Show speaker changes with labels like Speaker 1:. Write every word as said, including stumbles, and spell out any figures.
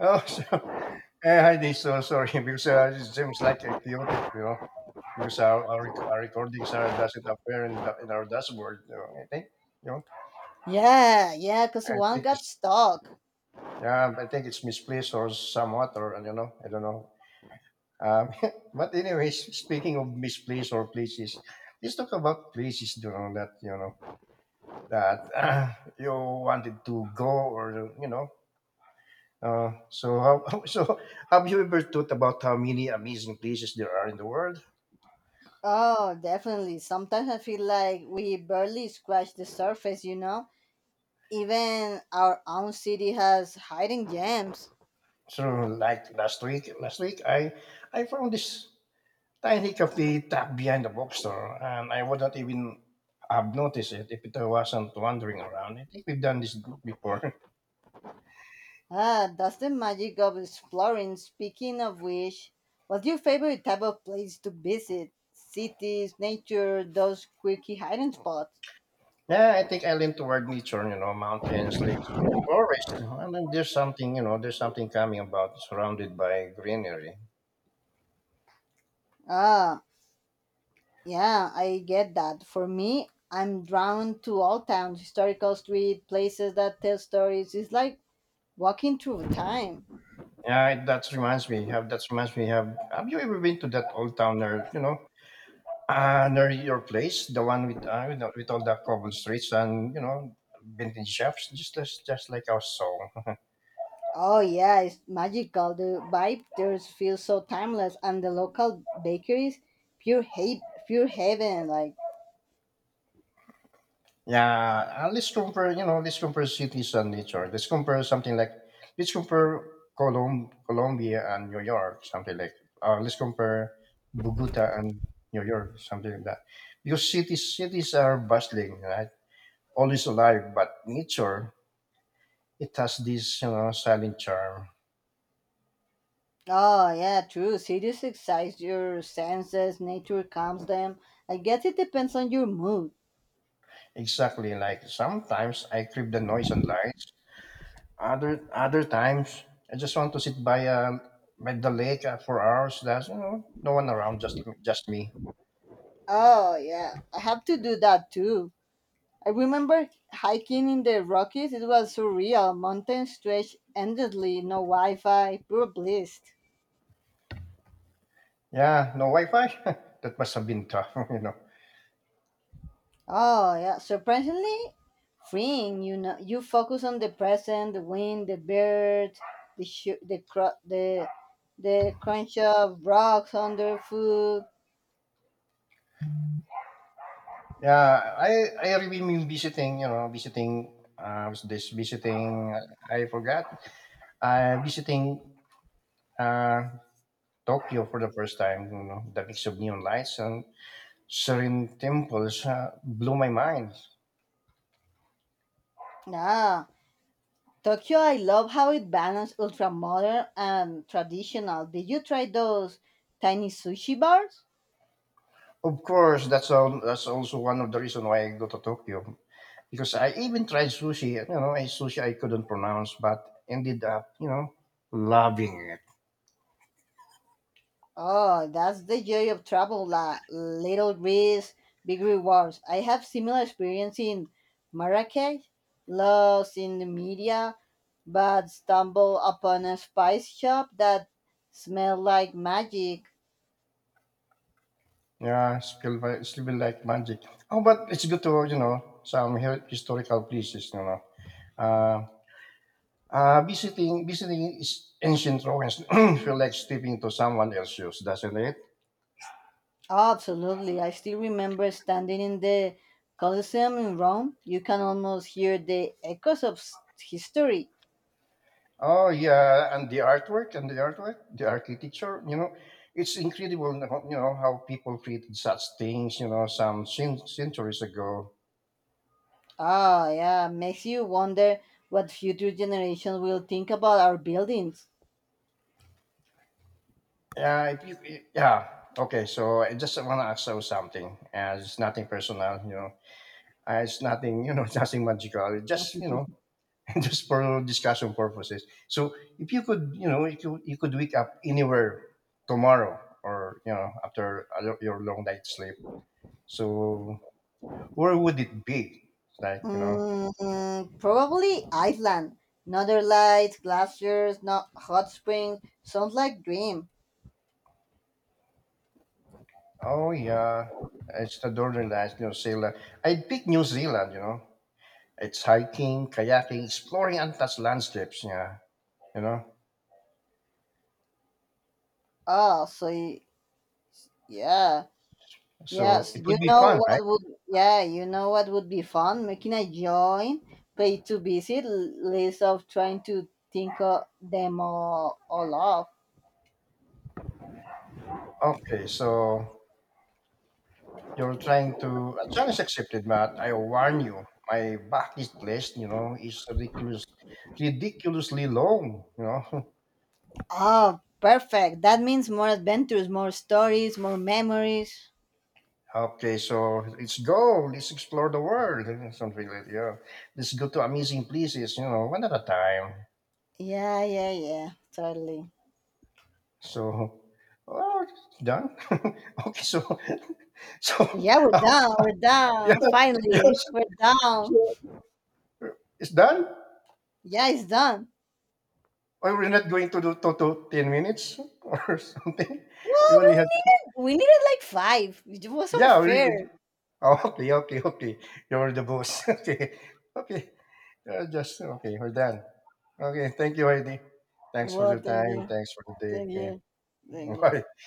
Speaker 1: Oh, so, eh, hi, Dave. So sorry because uh, it seems like a chaotic, you know, because our our, rec- our recordings are doesn't appear in, the, in our dashboard. You know, I think, you know,
Speaker 2: Yeah, yeah, because
Speaker 1: I
Speaker 2: one
Speaker 1: think
Speaker 2: got
Speaker 1: it's
Speaker 2: stuck.
Speaker 1: yeah, I think it's misplaced or somewhat, or you know, I don't know. Um, but anyways, speaking of misplaced or places, let's talk about places, you know, that you know that uh, you wanted to go or you know. Uh, so how, so have you ever thought about how many amazing places there are in the world?
Speaker 2: Oh, definitely. Sometimes I feel like we barely scratched the surface, you know? Even our own city has hiding gems.
Speaker 1: So, like last week, last week I I found this tiny coffee tucked behind the bookstore, and I wouldn't even have noticed it if it wasn't wandering around. I think we've done this before.
Speaker 2: Ah, that's the magic of exploring. Speaking of which, what's your favorite type of place to visit? Cities, nature, those quirky hiding spots?
Speaker 1: Yeah, I think I lean toward nature, you know, mountains, lakes, forest, and then there's something, you know, there's something coming about surrounded by greenery.
Speaker 2: Ah, yeah, I get that. For me, I'm drawn to all towns, historical street, places that tell stories. It's like walking through time.
Speaker 1: Yeah, it- that reminds me. Have that reminds me. Have Have you ever been to that old town there? You know, Uh, near your place, the one with uh, with, with all the cobble streets and you know vintage shops, just just, just like our song.
Speaker 2: Oh yeah, it's magical. The vibe there feels so timeless, and the local bakeries, pure ha- pure heaven. Like
Speaker 1: Yeah, uh, let's compare. You know, let's compare cities and nature. Let's compare something like let's compare Colom- Colombia and New York, something like. Uh, let's compare Bogota and New York, something like that. Because cities cities are bustling, right? Always alive, but nature it has this you know silent charm.
Speaker 2: oh yeah, true. Cities excite your senses. Nature calms them. I guess it depends on your mood.
Speaker 1: Exactly. Like sometimes I crave the noise and lights. Other other times I just want to sit by um by the lake uh, for hours. That's you know no one around, just just me.
Speaker 2: Oh yeah, I have to do that too. I remember hiking in the Rockies. It was surreal. Mountains stretched endlessly. No Wi-Fi. Pure bliss.
Speaker 1: Yeah, no Wi-Fi. That must have been tough, you know.
Speaker 2: Oh, yeah. Surprisingly freeing, you know. You focus on the present, the wind, the bird, the sh- the cr- the the crunch of rocks underfoot.
Speaker 1: Yeah, I I really mean visiting. You know, visiting. Uh, was this visiting? I forgot. Uh, visiting uh, Tokyo for the first time. You know, the mix of neon lights and serene temples uh, blew my mind.
Speaker 2: Nah. Tokyo, I love how it balances ultra modern and traditional. Did you try those tiny sushi bars?
Speaker 1: Of course, that's all, that's also one of the reason why I go to Tokyo because I even tried sushi. You know, I sushi I couldn't pronounce, but ended up you know loving it.
Speaker 2: Oh, that's the joy of travel, la little risk, big rewards. I have similar experience in Marrakech, lost in the media, but stumbled upon a spice shop that smelled like magic.
Speaker 1: Yeah, it's feel like, it's feel like magic. Oh, but it's good to you know some hi- historical places. You know, uh, uh, visiting visiting is ancient ruins feel like stepping to someone else's shoes, doesn't it?
Speaker 2: Absolutely. I still remember standing in the Colosseum in Rome. You can almost hear the echoes of s- history.
Speaker 1: Oh yeah, and the artwork and the artwork, the architecture, you know, it's incredible, you know, how people created such things, you know, some cen- centuries ago.
Speaker 2: Ah, yeah, makes you wonder what future generations will think about our buildings.
Speaker 1: Yeah, if you, yeah. Okay, so I just want to ask you something. Uh, it's nothing personal, you know. Uh, it's nothing, you know, nothing magical. It's just, you know, just for discussion purposes. So, if you could, you know, if you you could wake up anywhere tomorrow, or you know, after a lo- your long night sleep, so where would it be? It's like, you know,
Speaker 2: Mm, probably Iceland. Northern lights, glaciers, not hot springs. Sounds like dream.
Speaker 1: oh yeah, it's the Northern Lights, New Zealand. I'd pick New Zealand, you know. It's hiking, kayaking, exploring untouched landscapes, yeah, you know.
Speaker 2: Oh, so y- yeah,
Speaker 1: So
Speaker 2: yes.
Speaker 1: it
Speaker 2: You
Speaker 1: would be
Speaker 2: know
Speaker 1: fun,
Speaker 2: what
Speaker 1: right?
Speaker 2: would Yeah, you know what would be fun? Making a joint pay to visit l- list of trying to think of them all, all up.
Speaker 1: Okay, so you're trying to, a challenge accepted, Matt. I warn you, my bucket list, you know, is ridiculous, ridiculously long, you know.
Speaker 2: Oh, perfect. That means more adventures, more stories, more memories.
Speaker 1: Okay, so let's go. Let's explore the world. Something like yeah. Let's go to amazing places. You know, one at a time.
Speaker 2: Yeah, yeah, yeah. Totally.
Speaker 1: So, oh, done. Okay, so, so
Speaker 2: Yeah, we're
Speaker 1: um,
Speaker 2: done. We're
Speaker 1: yeah,
Speaker 2: done.
Speaker 1: yeah.
Speaker 2: Finally, we're done.
Speaker 1: So, so it's done.
Speaker 2: Yeah, it's done.
Speaker 1: Or we're not going to do to, to ten minutes or something. We
Speaker 2: Well, we
Speaker 1: only had
Speaker 2: needed we needed like five. It was
Speaker 1: yeah. We,
Speaker 2: unfair.
Speaker 1: Oh, okay, okay, okay. You're the boss. Okay, okay. Uh, just okay. We're done. Okay. Thank you, Heidi. Thanks for
Speaker 2: Well,
Speaker 1: your
Speaker 2: thank
Speaker 1: time.
Speaker 2: you,
Speaker 1: Thanks for the day.
Speaker 2: thank
Speaker 1: Okay.
Speaker 2: you, thank you.
Speaker 1: Bye.